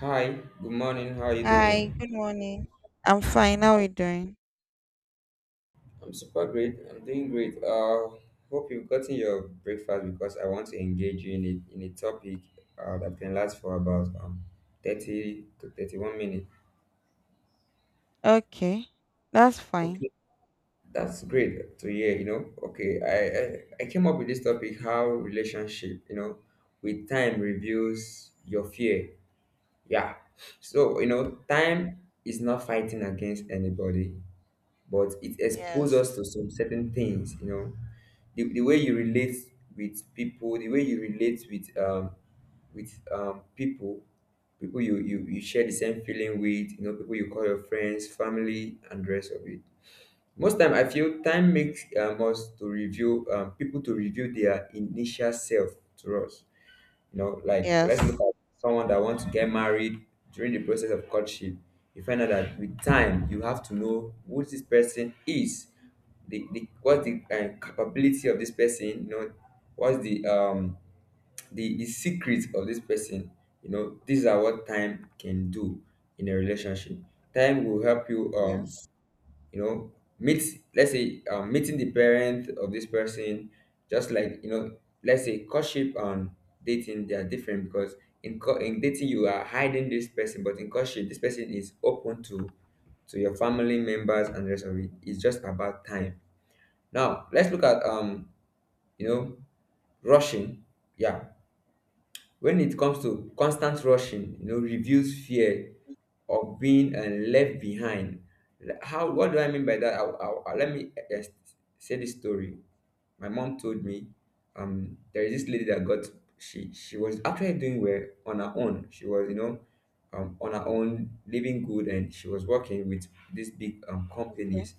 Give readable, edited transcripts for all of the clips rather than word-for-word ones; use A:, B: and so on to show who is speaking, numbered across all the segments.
A: Hi, good morning. How are you
B: Hi,
A: doing?
B: good morning. I'm fine. How are you doing?
A: I'm super great. I'm doing great. Hope you've gotten your breakfast because I want to engage you in a topic that can last for about 30 to 31 minutes.
B: Okay, that's fine.
A: Okay, that's great to hear, Okay, I came up with this topic how relationship, you know, with time reveals your fear. Yeah. So, you know, time is not fighting against anybody, but it exposes us
B: Yes,
A: to some certain things, you know, the way you relate with people, the way you relate with people, people you, you share the same feeling with, you know, people you call your friends, family, and the rest of it. Most time I feel time makes us to review people, to review their initial self to us, you know, like let's look
B: yes,
A: at someone that wants to get married during the process of courtship. You find out that with time, you have to know who this person is, the what's the capability of this person. You know, what's the the secret of this person. You know, these are what time can do in a relationship. Time will help you
B: yes.
A: you know, meet, let's say, meeting the parent of this person. Just like, you know, let's say courtship and dating, they are different because in dating you are hiding this person, but in courtship this person is open to your family members and the rest of it. It's just about time. Now let's look at you know, rushing. Yeah. When it comes to constant rushing, you know, reveals fear of being left behind. Like, how? What do I mean by that? Let me say this story. My mom told me, there is this lady that got, she was actually doing well on her own. She was, you know, on her own, living good, and she was working with these big
B: Okay,
A: companies.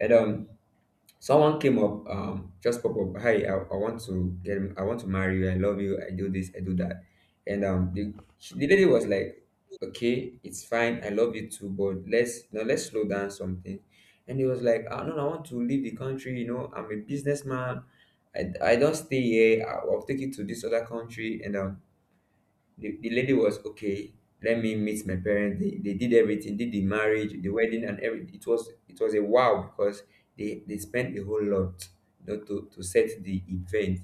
A: And someone came up, just pop up, hi, I want to get, I want to marry you, I love you, I do this, I do that. And the lady was like, okay, it's fine, I love you too, but let's, you know, let's slow down something. And he was like, ah, no, no, I want to leave the country, you know, I'm a businessman, I don't stay here, I'll take you to this other country. And the lady was okay, let me meet my parents. They did everything, did the marriage, the wedding, and everything. It was a wow because they spent a whole lot, you know, to set the event.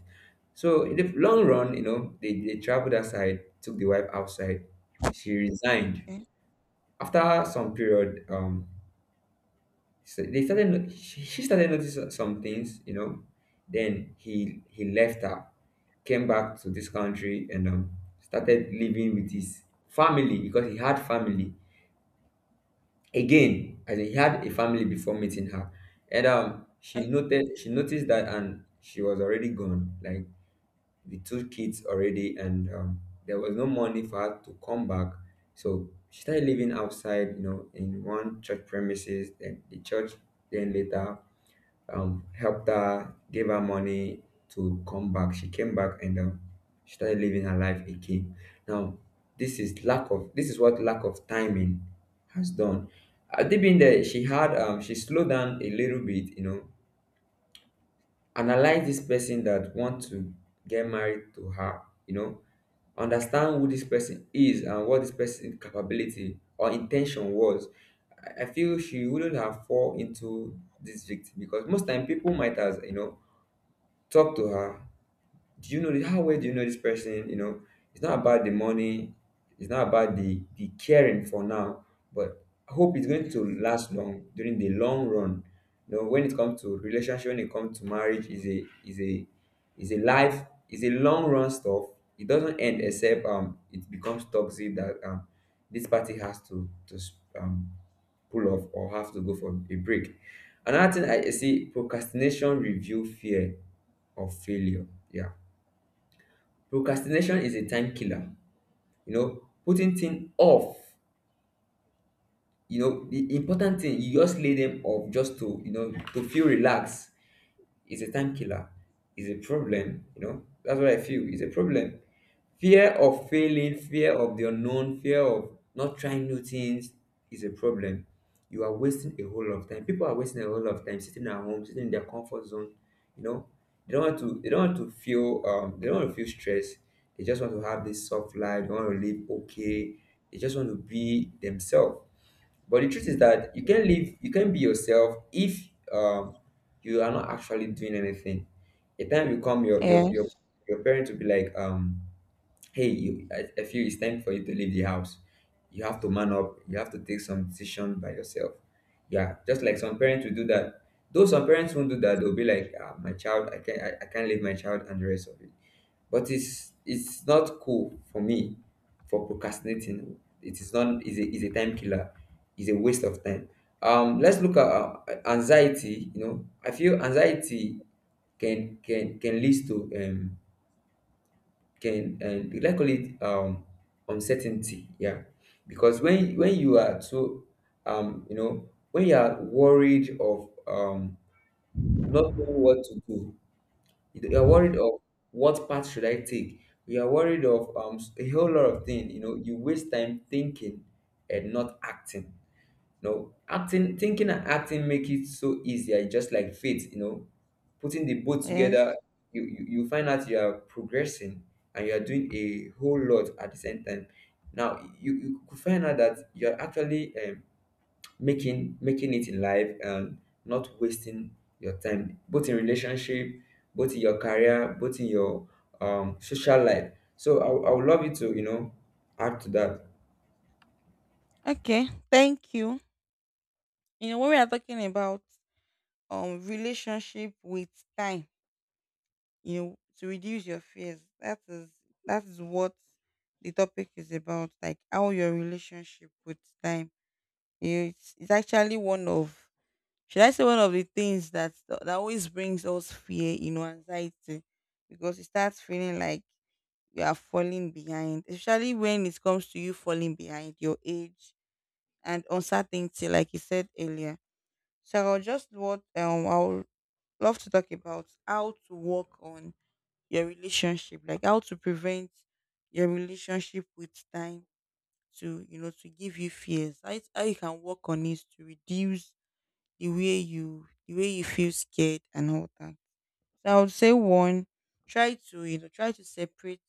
A: So in the long run, you know, they traveled outside, took the wife outside. She resigned
B: okay,
A: after some period. So they started. No- She started noticing some things, you know. Then he left her, came back to this country, and started living with his family because he had family again. As in, he had a family before meeting her. And she
B: okay.
A: noted, she noticed that, and she was already gone, like, the two kids already. And there was no money for her to come back. So she started living outside, you know, in one church premises. Then the church, then later, helped her, gave her money to come back. She came back and, she started living her life again. Now, this is lack of, this is what lack of timing has done. At deep in there, she had, she slowed down a little bit, you know, analyze this person that want to get married to her, you know, understand who this person is and what this person's capability or intention was. I feel she wouldn't have fall into this victim because most time people might, as you know, talk to her, do you know this, how well do you know this person, you know? It's not about the money, it's not about the caring for now, but I hope it's going to last long during the long run. You know, when it comes to relationship, when it comes to marriage, is a is a life, is a long run stuff. It doesn't end except it becomes toxic, that this party has to, um pull off or have to go for a break. Another thing I see, procrastination review fear of failure. Yeah. Procrastination is a time killer. You know, putting things off. You know, the important thing you just lay them off, just to, you know, to feel relaxed. It's a time killer. It's a problem. You know, that's what I feel. It's a problem. Fear of failing, fear of the unknown, fear of not trying new things is a problem. You are wasting a whole lot of time. People are wasting a whole lot of time sitting at home, sitting in their comfort zone. You know, they don't want to. They don't want to feel. They don't want to feel stress. They just want to have this soft life. They want to live okay. They just want to be themselves. But the truth is that you can live, you can be yourself if, you are not actually doing anything. A time will come, your
B: Yes,
A: your parents will be like, "Hey, you, I feel it's time for you to leave the house. You have to man up. You have to take some decision by yourself." Yeah, just like some parents will do that. Though some parents won't do that, they'll be like, ah, "My child, I can't, I can't leave my child and the rest of it." But it's not cool for me. For procrastinating, it is not, is a time killer. It's a waste of time. Let's look at anxiety. You know, I feel anxiety can lead to can and let's call it uncertainty. Yeah. Because when you are so you know, when you are worried of not knowing what to do, you are worried of what path should I take. You are worried of, a whole lot of things. You know, you waste time thinking and not acting. You know, acting, thinking and acting make it so easier. It's just like faith. You know, putting the both together,
B: yes.
A: you find out you are progressing and you are doing a whole lot at the same time. Now you could find out that you are actually, making it in life and not wasting your time, both in relationship, both in your career, both in your social life. So I would love you to, you know, add to that.
B: Okay, thank you. You know, when we are talking about relationship with time, you know, to reduce your fears, that is what the topic is about, like how your relationship with time. It's, actually one of, should I say, one of the things that always brings us fear, you know, anxiety, because it starts feeling like you are falling behind, especially when it comes to you falling behind your age and uncertainty, like you said earlier. So I'll just what I'll love to talk about how to work on your relationship, like how to prevent your relationship with time to, you know, to give you fears. How, how you can work on it to reduce the way you feel scared and all that. So I would say one, try to separate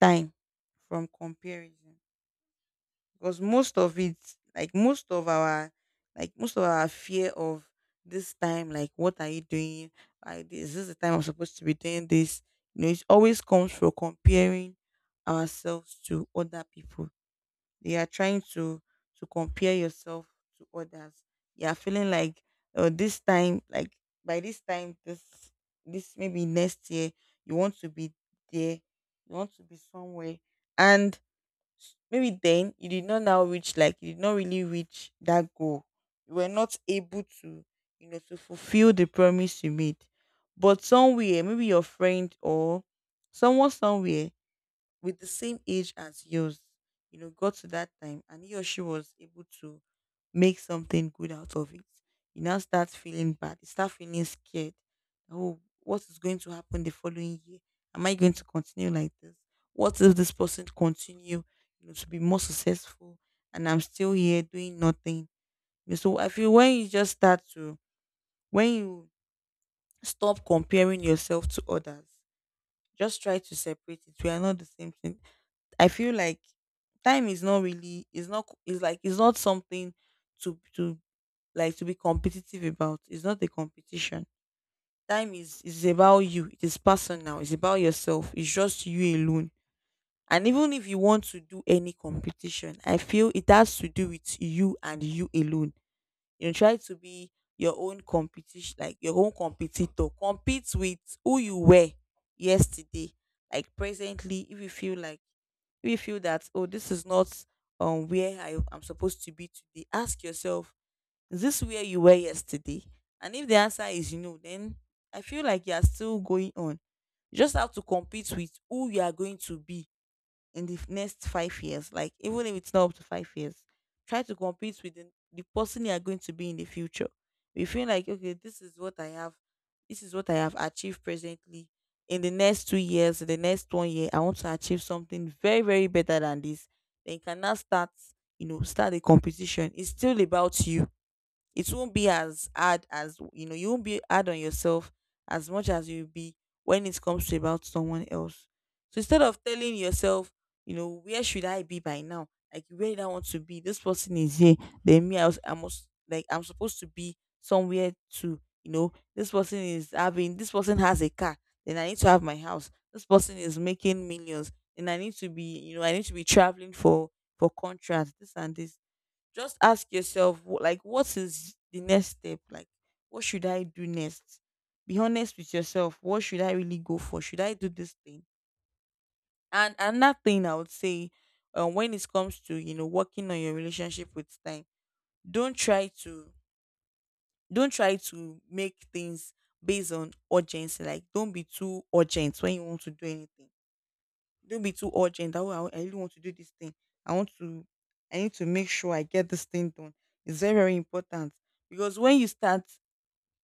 B: time from comparison, because like most of our most of our fear of this time, like, what are you doing, like this is the time I'm supposed to be doing this. You know, it always comes from comparing ourselves to other people. You are trying to compare yourself to others. You are feeling like, oh, this time, like, by this time, this, maybe next year you want to be there, you want to be somewhere. And maybe then you did not now reach, like you did not really reach that goal, you were not able to, you know, to fulfill the promise you made. But somewhere, maybe your friend or someone somewhere with the same age as yours, you know, got to that time and he or she was able to make something good out of it, you now start feeling bad. You start feeling scared. Oh, what is going to happen the following year? Am I going to continue like this? What if this person continue, you know, to be more successful and I'm still here doing nothing? You know, so I feel, when you just start to when you stop comparing yourself to others, just try to separate it. We are not the same thing. I feel like time is not really, is not, is like, it's not something to like to be competitive about. It's not a competition. Time is about you. It is personal. It's about yourself. It's just you alone. And even if you want to do any competition, I feel it has to do with you and you alone. You know, try to be your own competition, like your own competitor. Compete with who you were yesterday, like presently. If you feel that, oh, this is not where I am supposed to be today, ask yourself, is this where you were yesterday? And if the answer is no, then I feel like you are still going on. You just have to compete with who you are going to be in the next 5 years, like, even if it's not up to 5 years, try to compete with the person you are going to be in the future. You feel like, okay, this is what I have, this is what I have achieved presently. In the next 2 years, in the next one year, I want to achieve something very, very better than this. Then you can now start, start a competition. It's still about you, it won't be as hard as, you know, you won't be hard on yourself as much as you'll be when it comes to about someone else. So instead of telling yourself, you know, where should I be by now, like, where did I want to be, this person is here, then me, I was I must like I'm supposed to be somewhere to, you know, this person is having, this person has a car, then I need to have my house, this person is making millions and I need to be, you know, I need to be traveling for contracts, this and this. Just ask yourself, like, what is the next step, like, what should I do next, be honest with yourself, what should I really go for, should I do this thing? And another thing I would say, when it comes to, you know, working on your relationship with time, don't try to don't try to make things based on urgency, like, don't be too urgent when you want to do anything. Don't be too urgent. That, oh, I really want to do this thing. I want to. I need to make sure I get this thing done. It's very very important, because when you start,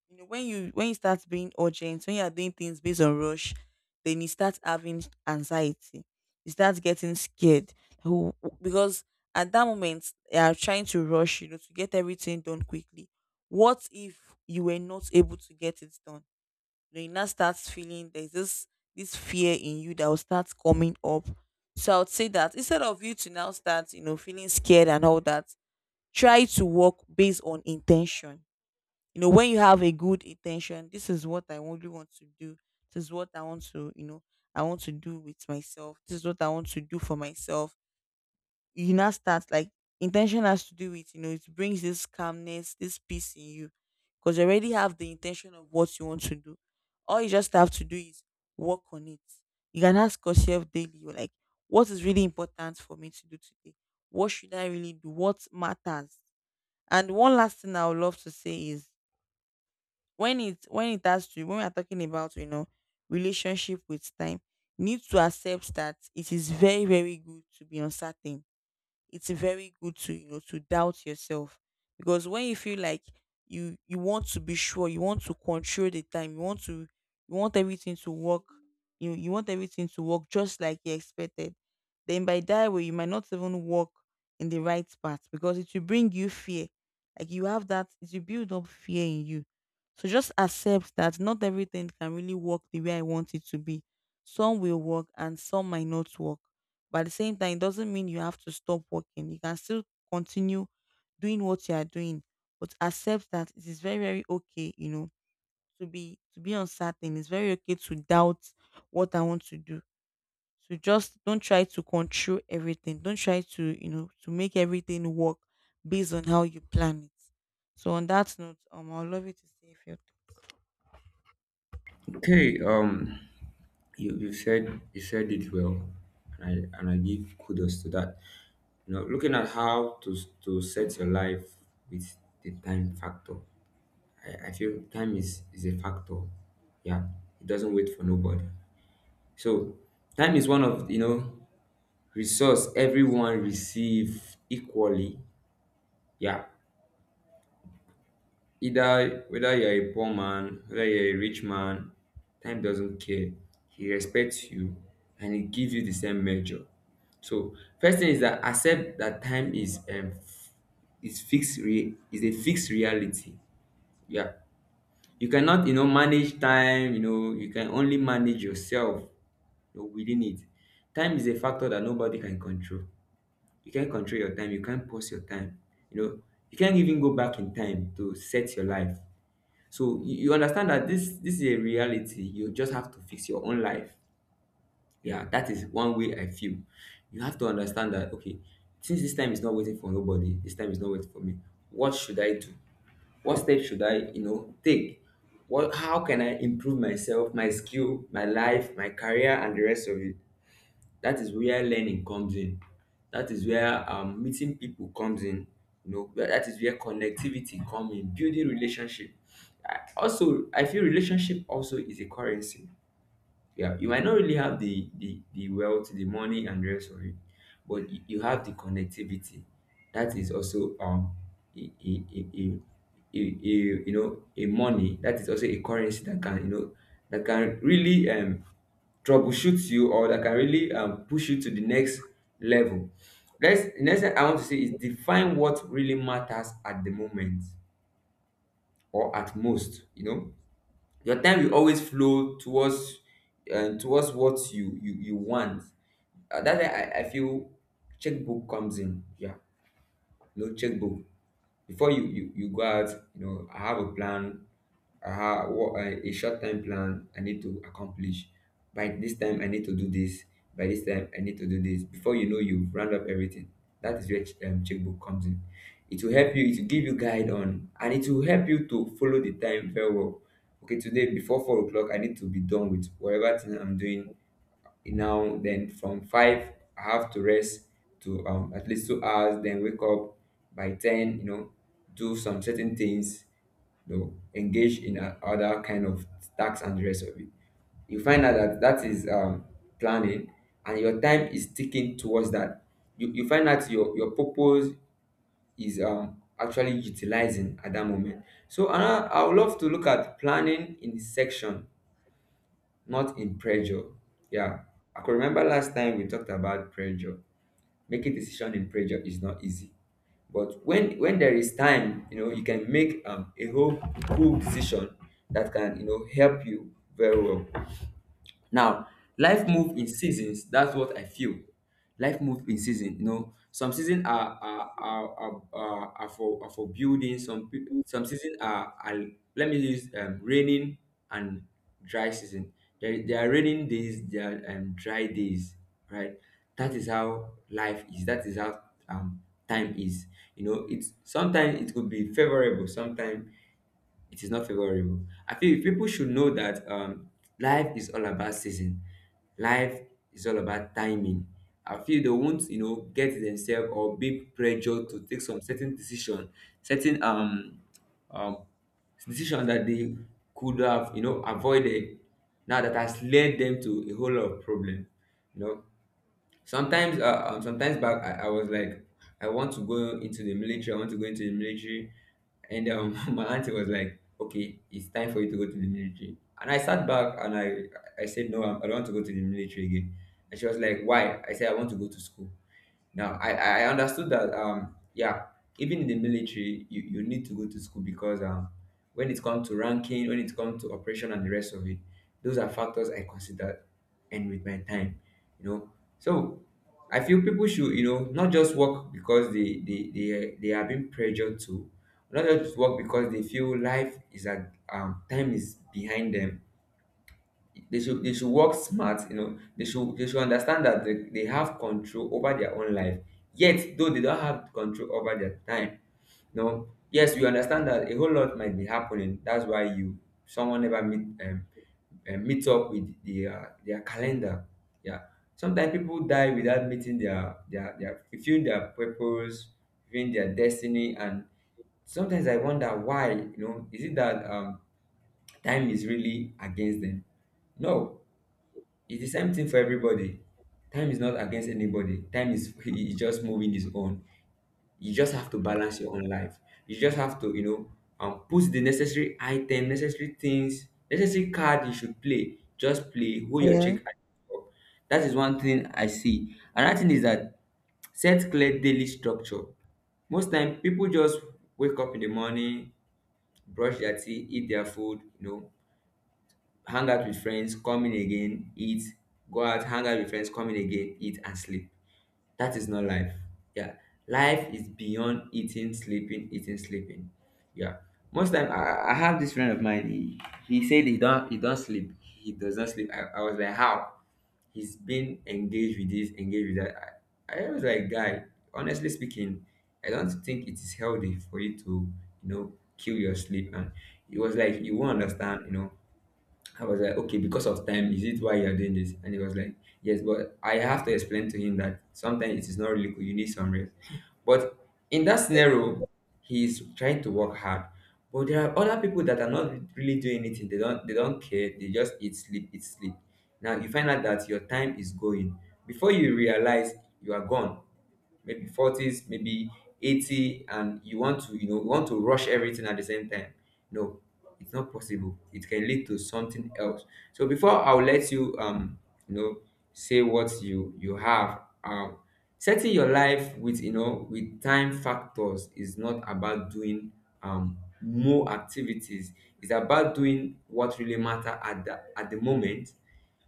B: you know, when you start being urgent, when you are doing things based on rush, then you start having anxiety. You start getting scared. Who, because at that moment you are trying to rush, you know, to get everything done quickly. What if you were not able to get it done? You know, you now start feeling, there's this fear in you that will start coming up. So I would say that instead of you to now start, you know, feeling scared and all that, try to work based on intention. You know, when you have a good intention, this is what I only want to do. This is what I want to, you know, I want to do with myself. This is what I want to do for myself. You now start like, intention has to do with, you know, it brings this calmness, this peace in you, because you already have the intention of what you want to do. All you just have to do is work on it. You can ask yourself daily, like, what is really important for me to do today, what should I really do, what matters? And one last thing I would love to say is, when it has to when we are talking about, you know, relationship with time, you need to accept that it is very very good to be uncertain. It's very good to, you know, to doubt yourself, because when you feel like you want to be sure, you want to control the time, you want everything to work, you want everything to work just like you expected, then by that way you might not even walk in the right path, because it will bring you fear, like, you have that, it will build up fear in you. So just accept that not everything can really work the way I want it to be. Some will work and some might not work, but at the same time, it doesn't mean you have to stop working. You can still continue doing what you are doing, but accept that it is very, very okay, you know, to be uncertain. It's very okay to doubt what I want to do. So just don't try to control everything. Don't try to, you know, to make everything work based on how you plan it. So on that note, I'll love you to say if you.
A: Okay, you said, you said it well, and I give kudos to that. You know, looking at how to set your life with the time factor, I feel time is a factor. Yeah, it doesn't wait for nobody. So time is one of, you know, resource everyone receive equally. Yeah, either whether you are a poor man, whether you're a rich man, time doesn't care. He respects you and he gives you the same measure. So first thing is that accept that time is is a fixed reality. Yeah, you cannot, you know, manage time. You know, you can only manage yourself, you know, within it. Time is a factor that nobody can control. You can't control your time, you can't pause your time, you know, you can't even go back in time to set your life. So you understand that this is a reality. You just have to fix your own life. Yeah, that is one way I feel you have to understand that. Okay, since this time is not waiting for nobody, this time is not waiting for me, what should I do? What steps should I, you know, take? What, how can I improve myself, my skill, my life, my career, and the rest of it? That is where learning comes in. That is where, meeting people comes in. You know, that is where connectivity comes in, building relationship. Also, I feel relationship also is a currency. Yeah, you might not really have the wealth, the money, and the rest of it, but you have the connectivity. That is also, a, a, a, a, you know, a money, that is also a currency that can, you know, that can really, troubleshoot you, or that can really, push you to the next level. Let's the next thing I want to say is define what really matters at the moment or at most. You know, your time will always flow towards towards what you want. That's why I feel checkbook comes in, yeah. No checkbook. Before you go out, you know, I have a plan. I have what, a short term plan I need to accomplish. By this time I need to do this, by this time I need to do this before, you know, you've round up everything. That is where checkbook comes in. It will help you, it will give you guide on, and it will help you to follow the time very well. Okay, today before 4 o'clock I need to be done with whatever thing I'm doing now. Then from five I have to rest to, at least 2 hours, then wake up by 10, you know, do some certain things. You know, engage in other kind of tasks and the rest of it. You find out that that is planning and your time is sticking towards that. You find out your purpose is actually utilizing at that moment. So I would love to look at planning in section, not in pressure. Yeah. I could remember last time we talked about pressure. Making decision in pressure is not easy. But when there is time, you know, you can make a whole cool decision that can, you know, help you very well. Now, life move in seasons. That's what I feel. Life move in season. You know, some season are for building. Some season are let me use raining and dry season. There are raining days. There are dry days. Right. That is how life is. That is how um, time is. You know, it's sometimes it could be favorable. Sometimes it is not favorable. I feel people should know that life is all about season, life is all about timing. I feel they won't, you know, get themselves or be pressured to take some certain um decision that they could have, you know, avoided. Now that has led them to a whole lot of problem, you know. Sometimes back, I was like, I want to go into the military. I want to go into the military, and my auntie was like, "Okay, it's time for you to go to the military." And I sat back and I said, "No, I don't want to go to the military again." And she was like, "Why?" I said, "I want to go to school." Now, I understood that, yeah, even in the military, you need to go to school because when it comes to ranking, when it comes to operation and the rest of it, those are factors I consider and with my time, you know. So I feel people should, you know, not just work because they are being pressured to, not just work because they feel life is at, time is behind them. They should work smart, you know. They should understand that they have control over their own life. Yet, though they don't have control over their time, no. Yes, we understand that a whole lot might be happening. That's why you, someone never meet meet up with the their calendar. Yeah. Sometimes people die without meeting their fulfilling their purpose, fulfilling their destiny, and sometimes I wonder why. You know, is it that time is really against them? No, it's the same thing for everybody. Time is not against anybody. Time is is just moving his own. You just have to balance your own life. You just have to, you know, put the necessary item, necessary things, necessary card you should play. Just play. Who your check.
B: Yeah.
A: And that is one thing I see. Another thing is that set clear daily structure. Most time people just wake up in the morning, brush their teeth, eat their food, you know, hang out with friends, come in again, eat, go out, hang out with friends, come in again, eat and sleep. That is not life. Yeah. Life is beyond eating, sleeping, eating, sleeping. Yeah. Most time, I have this friend of mine, he said he don't sleep. He does not sleep. I was like, how? He's been engaged with this, engaged with that. I was like, guy, honestly speaking, I don't think it is healthy for you to, you know, kill your sleep. And it was like, you won't understand, you know. I was like, okay, because of time, is it why you're doing this? And he was like, yes, but I have to explain to him that sometimes it is not really cool. You need some rest. But in that scenario, he's trying to work hard. But there are other people that are not really doing anything. They don't care. They just eat, sleep, eat, sleep. Now you find out that your time is going. Before you realize you are gone, maybe 40s, maybe 80, and you want to, you know, you want to rush everything at the same time. No, it's not possible. It can lead to something else. So before I'll let you you know, say what you have, setting your life with, you know, with time factors is not about doing more activities. It's about doing what really matter at the moment.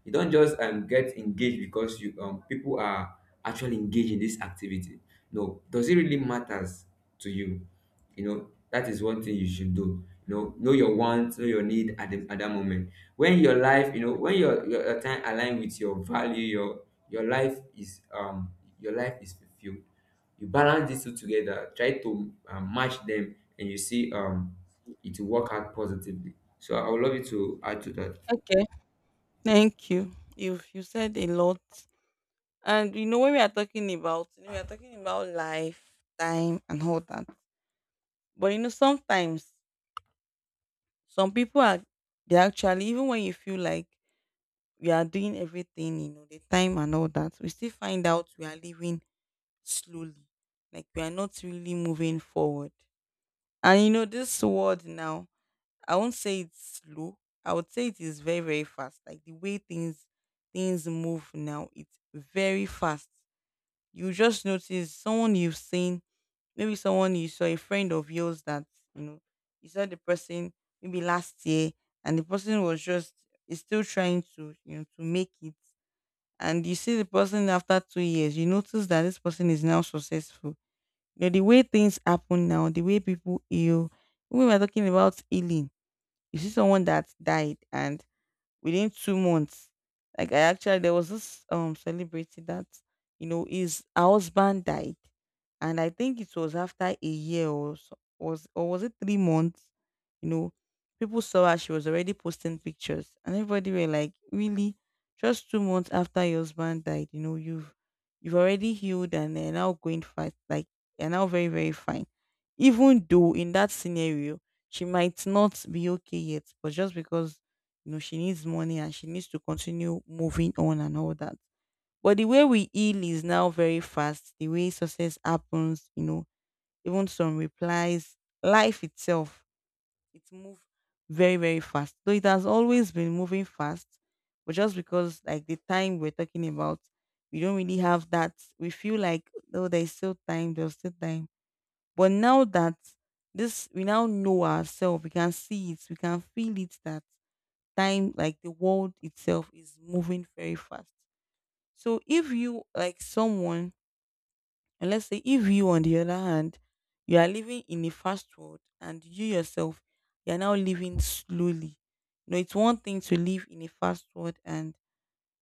A: You don't just get engaged because you people are actually engaged in this activity. No, does it really matters to you? You know, that is one thing you should do. You know your wants, know your need at, the, at that moment. When your life, you know, when your time align with your value, your life is um your life is fulfilled. You balance these two together, try to match them and you see it will work out positively. So I would love you to add to that.
B: Okay. Thank you. You said a lot. And you know, when we are talking about, you know, we are talking about life, time, and all that. But you know, sometimes, some people are, they actually, even when you feel like we are doing everything, you know, the time and all that, we still find out we are living slowly, like we are not really moving forward. And you know, this world now, I won't say it's slow, I would say it is very very fast. Like the way things move now, it's very fast. You just notice someone you've seen, maybe someone you saw, a friend of yours that, you know, you saw the person maybe last year and the person was just, is still trying to, you know, to make it. And you see the person after 2 years, you notice that this person is now successful. You know, the way things happen now, the way people heal, when we were talking about healing, you see someone that died and within 2 months. Like, I actually, there was this celebrity that, you know, his husband died, and I think it was after a year or so, was, or was it 3 months, you know, people saw her, she was already posting pictures and everybody were like, "Really? Just 2 months after your husband died, you know, you've already healed, and they are now going fast, like, you're now very very fine." Even though in that scenario she might not be okay yet, but just because, you know, she needs money and she needs to continue moving on and all that. But the way we heal is now very fast. The way success happens, you know, even some replies, life itself, it's moved very, very fast. Though it has always been moving fast, but just because like the time we're talking about, we don't really have that. We feel like, oh, there's still time, there's still time. But now that this we now know ourselves, we can see it, we can feel it that time, like the world itself is moving very fast. So if you like someone, and let's say if you on the other hand, you are living in a fast world and you yourself, you are now living slowly. You know, it's one thing to live in a fast world and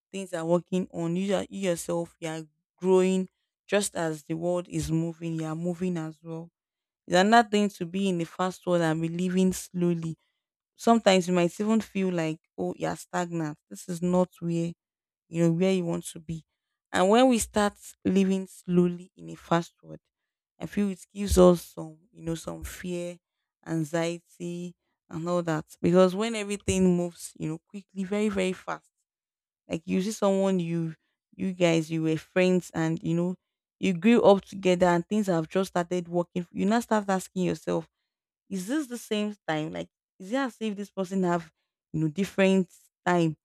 B: things are working on you, you yourself you are growing, just as the world is moving you are moving as well. It's another thing to be in a fast world and be living slowly. Sometimes you might even feel like, oh, you're stagnant, this is not where, you know, where you want to be. And when we start living slowly in a fast world, I feel it gives us some, you know, some fear, anxiety and all that, because when everything moves, you know, quickly, very, very fast, like you see someone, you guys, you were friends, and you know, you grew up together and things have just started working, you now start asking yourself, is this the same time? Like, is it as if this person have, you know, different time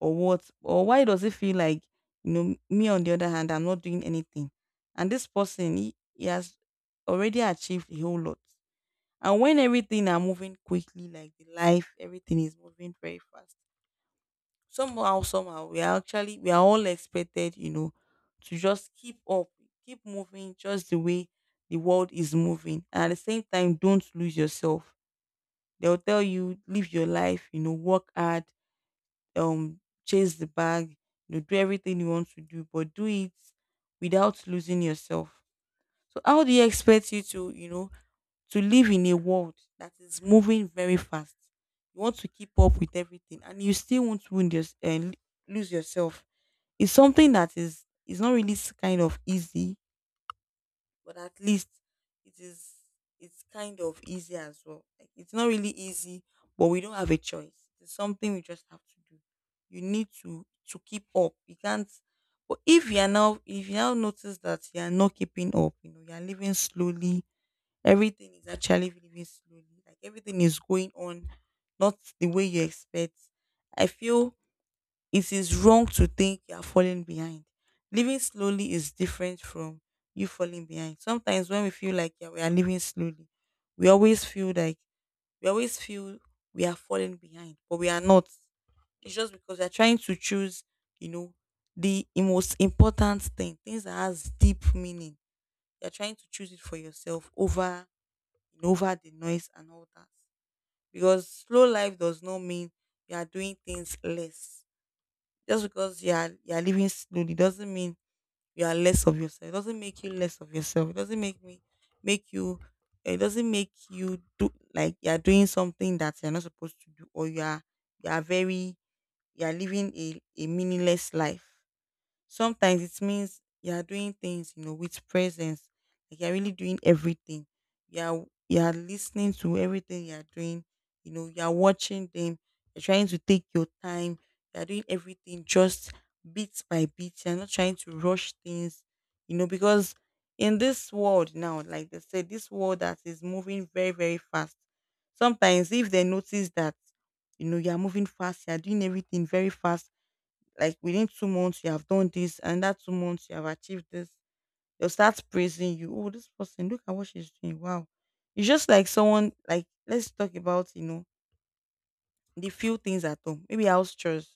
B: or what? Or why does it feel like, you know, me on the other hand, I'm not doing anything. And this person, he has already achieved a whole lot. And when everything are moving quickly, like the life, everything is moving very fast. Somehow, somehow, we are actually, we are all expected, you know, to just keep up, keep moving just the way the world is moving. And at the same time, don't lose yourself. They'll tell you, live your life, you know, work hard, um, chase the bag, you know, do everything you want to do, but do it without losing yourself. So how do you expect you to, you know, to live in a world that is moving very fast? You want to keep up with everything, and you still want to win this and lose yourself. It's something that is not really kind of easy, but at least it is, it's kind of easy as well. Like it's not really easy, but we don't have a choice. It's something we just have to do. You need to keep up. You can't. But if you now notice that you are not keeping up, you know you are living slowly. Everything is actually living slowly. Like everything is going on, not the way you expect. I feel it is wrong to think you are falling behind. Living slowly is different from you falling behind. Sometimes when we feel like, yeah, we are living slowly, we always feel like we always feel we are falling behind, but we are not. It's just because we are trying to choose, you know, the most important thing, things that has deep meaning. You're trying to choose it for yourself over over the noise and all that. Because slow life does not mean you are doing things less. Just because you are living slowly doesn't mean you are less of yourself. It doesn't make you less of yourself. It doesn't make me Make you. It doesn't make you do like you are doing something that you are not supposed to do, or you are very, you are living a meaningless life. Sometimes it means you are doing things, you know, with presence. Like you're really doing everything. You are listening to everything you are doing. You know, you are watching them. You're trying to take your time. You are doing everything just bit by bit. You're not trying to rush things. You know, because in this world now, like they said, this world that is moving very, very fast. Sometimes if they notice that, you know, you are moving fast, you are doing everything very fast, like within 2 months, you have done this, and that 2 months, you have achieved this. They'll start praising you. Oh, this person, look at what she's doing. Wow. It's just like someone, like, let's talk about, you know, the few things at home, maybe house chores.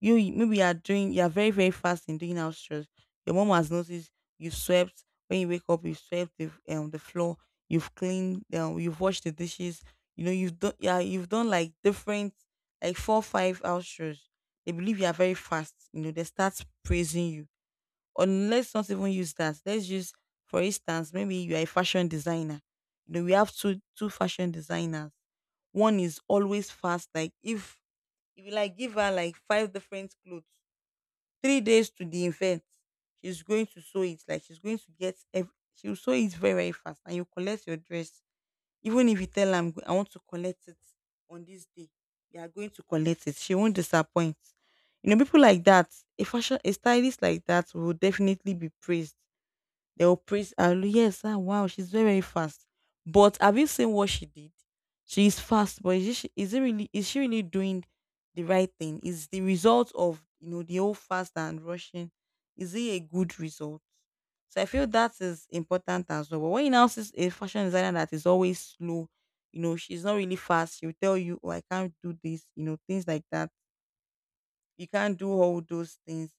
B: Maybe you are doing, you are very, very fast in doing house chores. Your mom has noticed you swept when you wake up, you swept the floor, you've cleaned, you've washed the dishes, you know, you've done, yeah, you've done like different like four, five house chores. They believe you are very fast, you know, they start praising you. Or let's not even use that. Let's use, for instance, maybe you are a fashion designer. You know, we have two fashion designers. One is always fast. Like if you like give her like five different clothes, 3 days to the event, she's going to sew it. Like she's going to get every, she'll sew it very, very fast. And you collect your dress. Even if you tell her, "I'm I want to collect it on this day, you are going to collect it." She won't disappoint. You know, people like that, a fashion, a stylist like that will definitely be praised, they will praise her. Yes, ah, wow, she's very, very fast. But have you seen what she did? She is fast, but is she really doing the right thing? Is the result of, you know, the whole fast and rushing, is it a good result? So I feel that is important as well. But when you now see a fashion designer that is always slow, you know, she's not really fast, she'll tell you, oh, I can't do this, you know, things like that. You can't do all those things,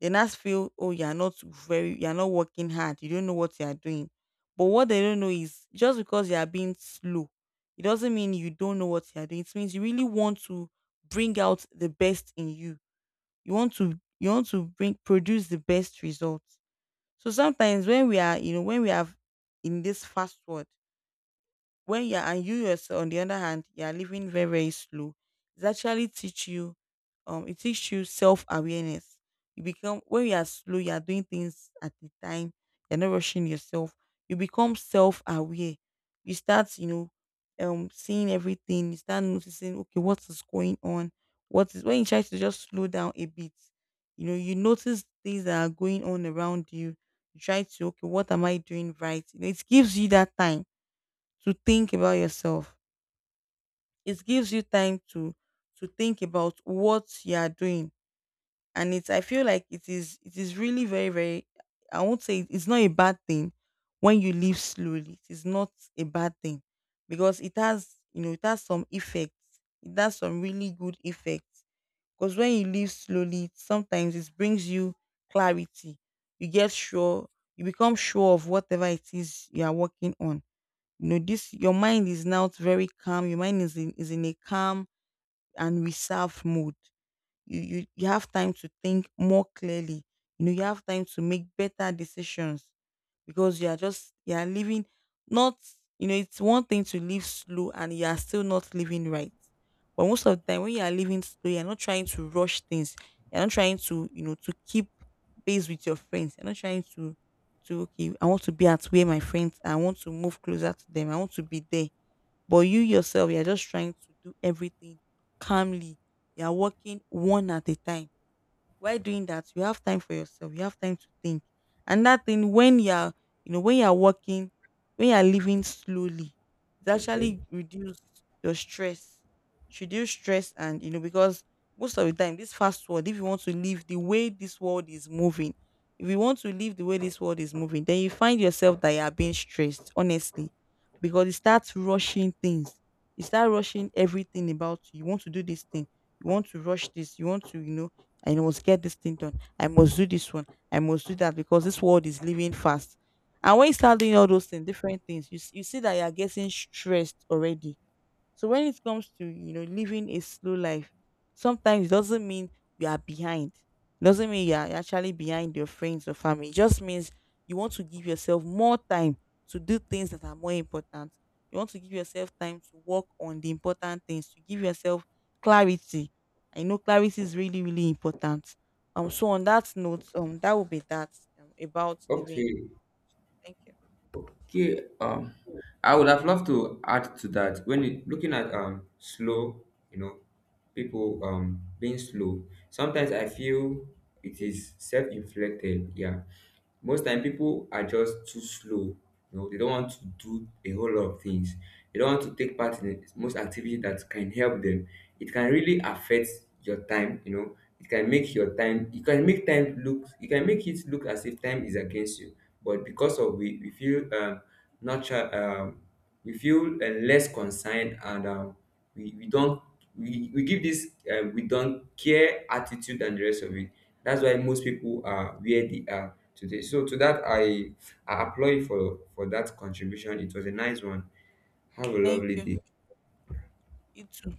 B: they now feel, oh, you're not very, you're not working hard. You don't know what you are doing. But what they don't know is just because you are being slow, it doesn't mean you don't know what you are doing. It means you really want to bring out the best in you. You want to bring produce the best results. So sometimes when we are, you know, when we are in this fast world, when you're and you yourself on the other hand you're living very, very slow, it actually teach you, it teaches you self-awareness. You become, when you are slow, you are doing things at the time, you're not rushing yourself, you become self-aware. You start, you know, seeing everything, you start noticing, okay, what is going on, what is when you try to just slow down a bit, you know, you notice things that are going on around you, you try to, okay, what am I doing right? You know, it gives you that time to think about yourself. It gives you time to think about what you are doing, and it's, I feel like it is, it is really very, very. I won't say it's not a bad thing when you live slowly. It is not a bad thing, because it has, you know, it has some effects. It has some really good effects, because when you live slowly, sometimes it brings you clarity. You get sure. You become sure of whatever it is you are working on. You know, this your mind is now very calm, your mind is in a calm and reserved mode. You, you have time to think more clearly. You know, you have time to make better decisions, because you are just, you are living, not, you know, it's one thing to live slow and you are still not living right, but most of the time when you are living slow you're not trying to rush things, you're not trying to, you know, to keep pace with your friends, you're not trying to okay, I want to be at where my friends are. I want to move closer to them, I want to be there. But you yourself, you're just trying to do everything calmly, you're working one at a time. While doing that, you have time for yourself. You have time to think. And that thing when you're, you know, when you're working, when you're living slowly, it
A: Okay.
B: actually reduce your stress. Should you stress, and you know, because most of the time this fast world, if you want to live the way this world is moving, if you want to live the way this world is moving, then you find yourself that you are being stressed, honestly. Because it starts rushing things. You start rushing everything about you. You want to do this thing. You want to rush this. You want to, you know, I must get this thing done. I must do this one. I must do that, because this world is living fast. And when you start doing all those things, different things, you, you see that you are getting stressed already. So when it comes to, you know, living a slow life, sometimes it doesn't mean you are behind. It doesn't mean you are actually behind your friends or family. It just means you want to give yourself more time to do things that are more important. You want to give yourself time to work on the important things, to give yourself clarity. I know clarity is really, really important. So on that note, that will be that, about living.
A: Okay,
B: Thank you.
A: okay. I would have loved to add to that. When it, looking at slow, you know, people being slow, sometimes I feel it is self-inflicted. Yeah, most time people are just too slow. You know, they don't want to do a whole lot of things. They don't want to take part in most activities that can help them. It can really affect your time. You know, it can make your time. It can make time look. You can make it look as if time is against you. But because of we feel not cha- we feel less concerned and we don't we give this we don't care attitude and the rest of it. That's why most people are where they are today. So to that, I applaud you for that contribution. It was a nice one. Have a
B: Thank
A: lovely
B: you.
A: day.
B: You too.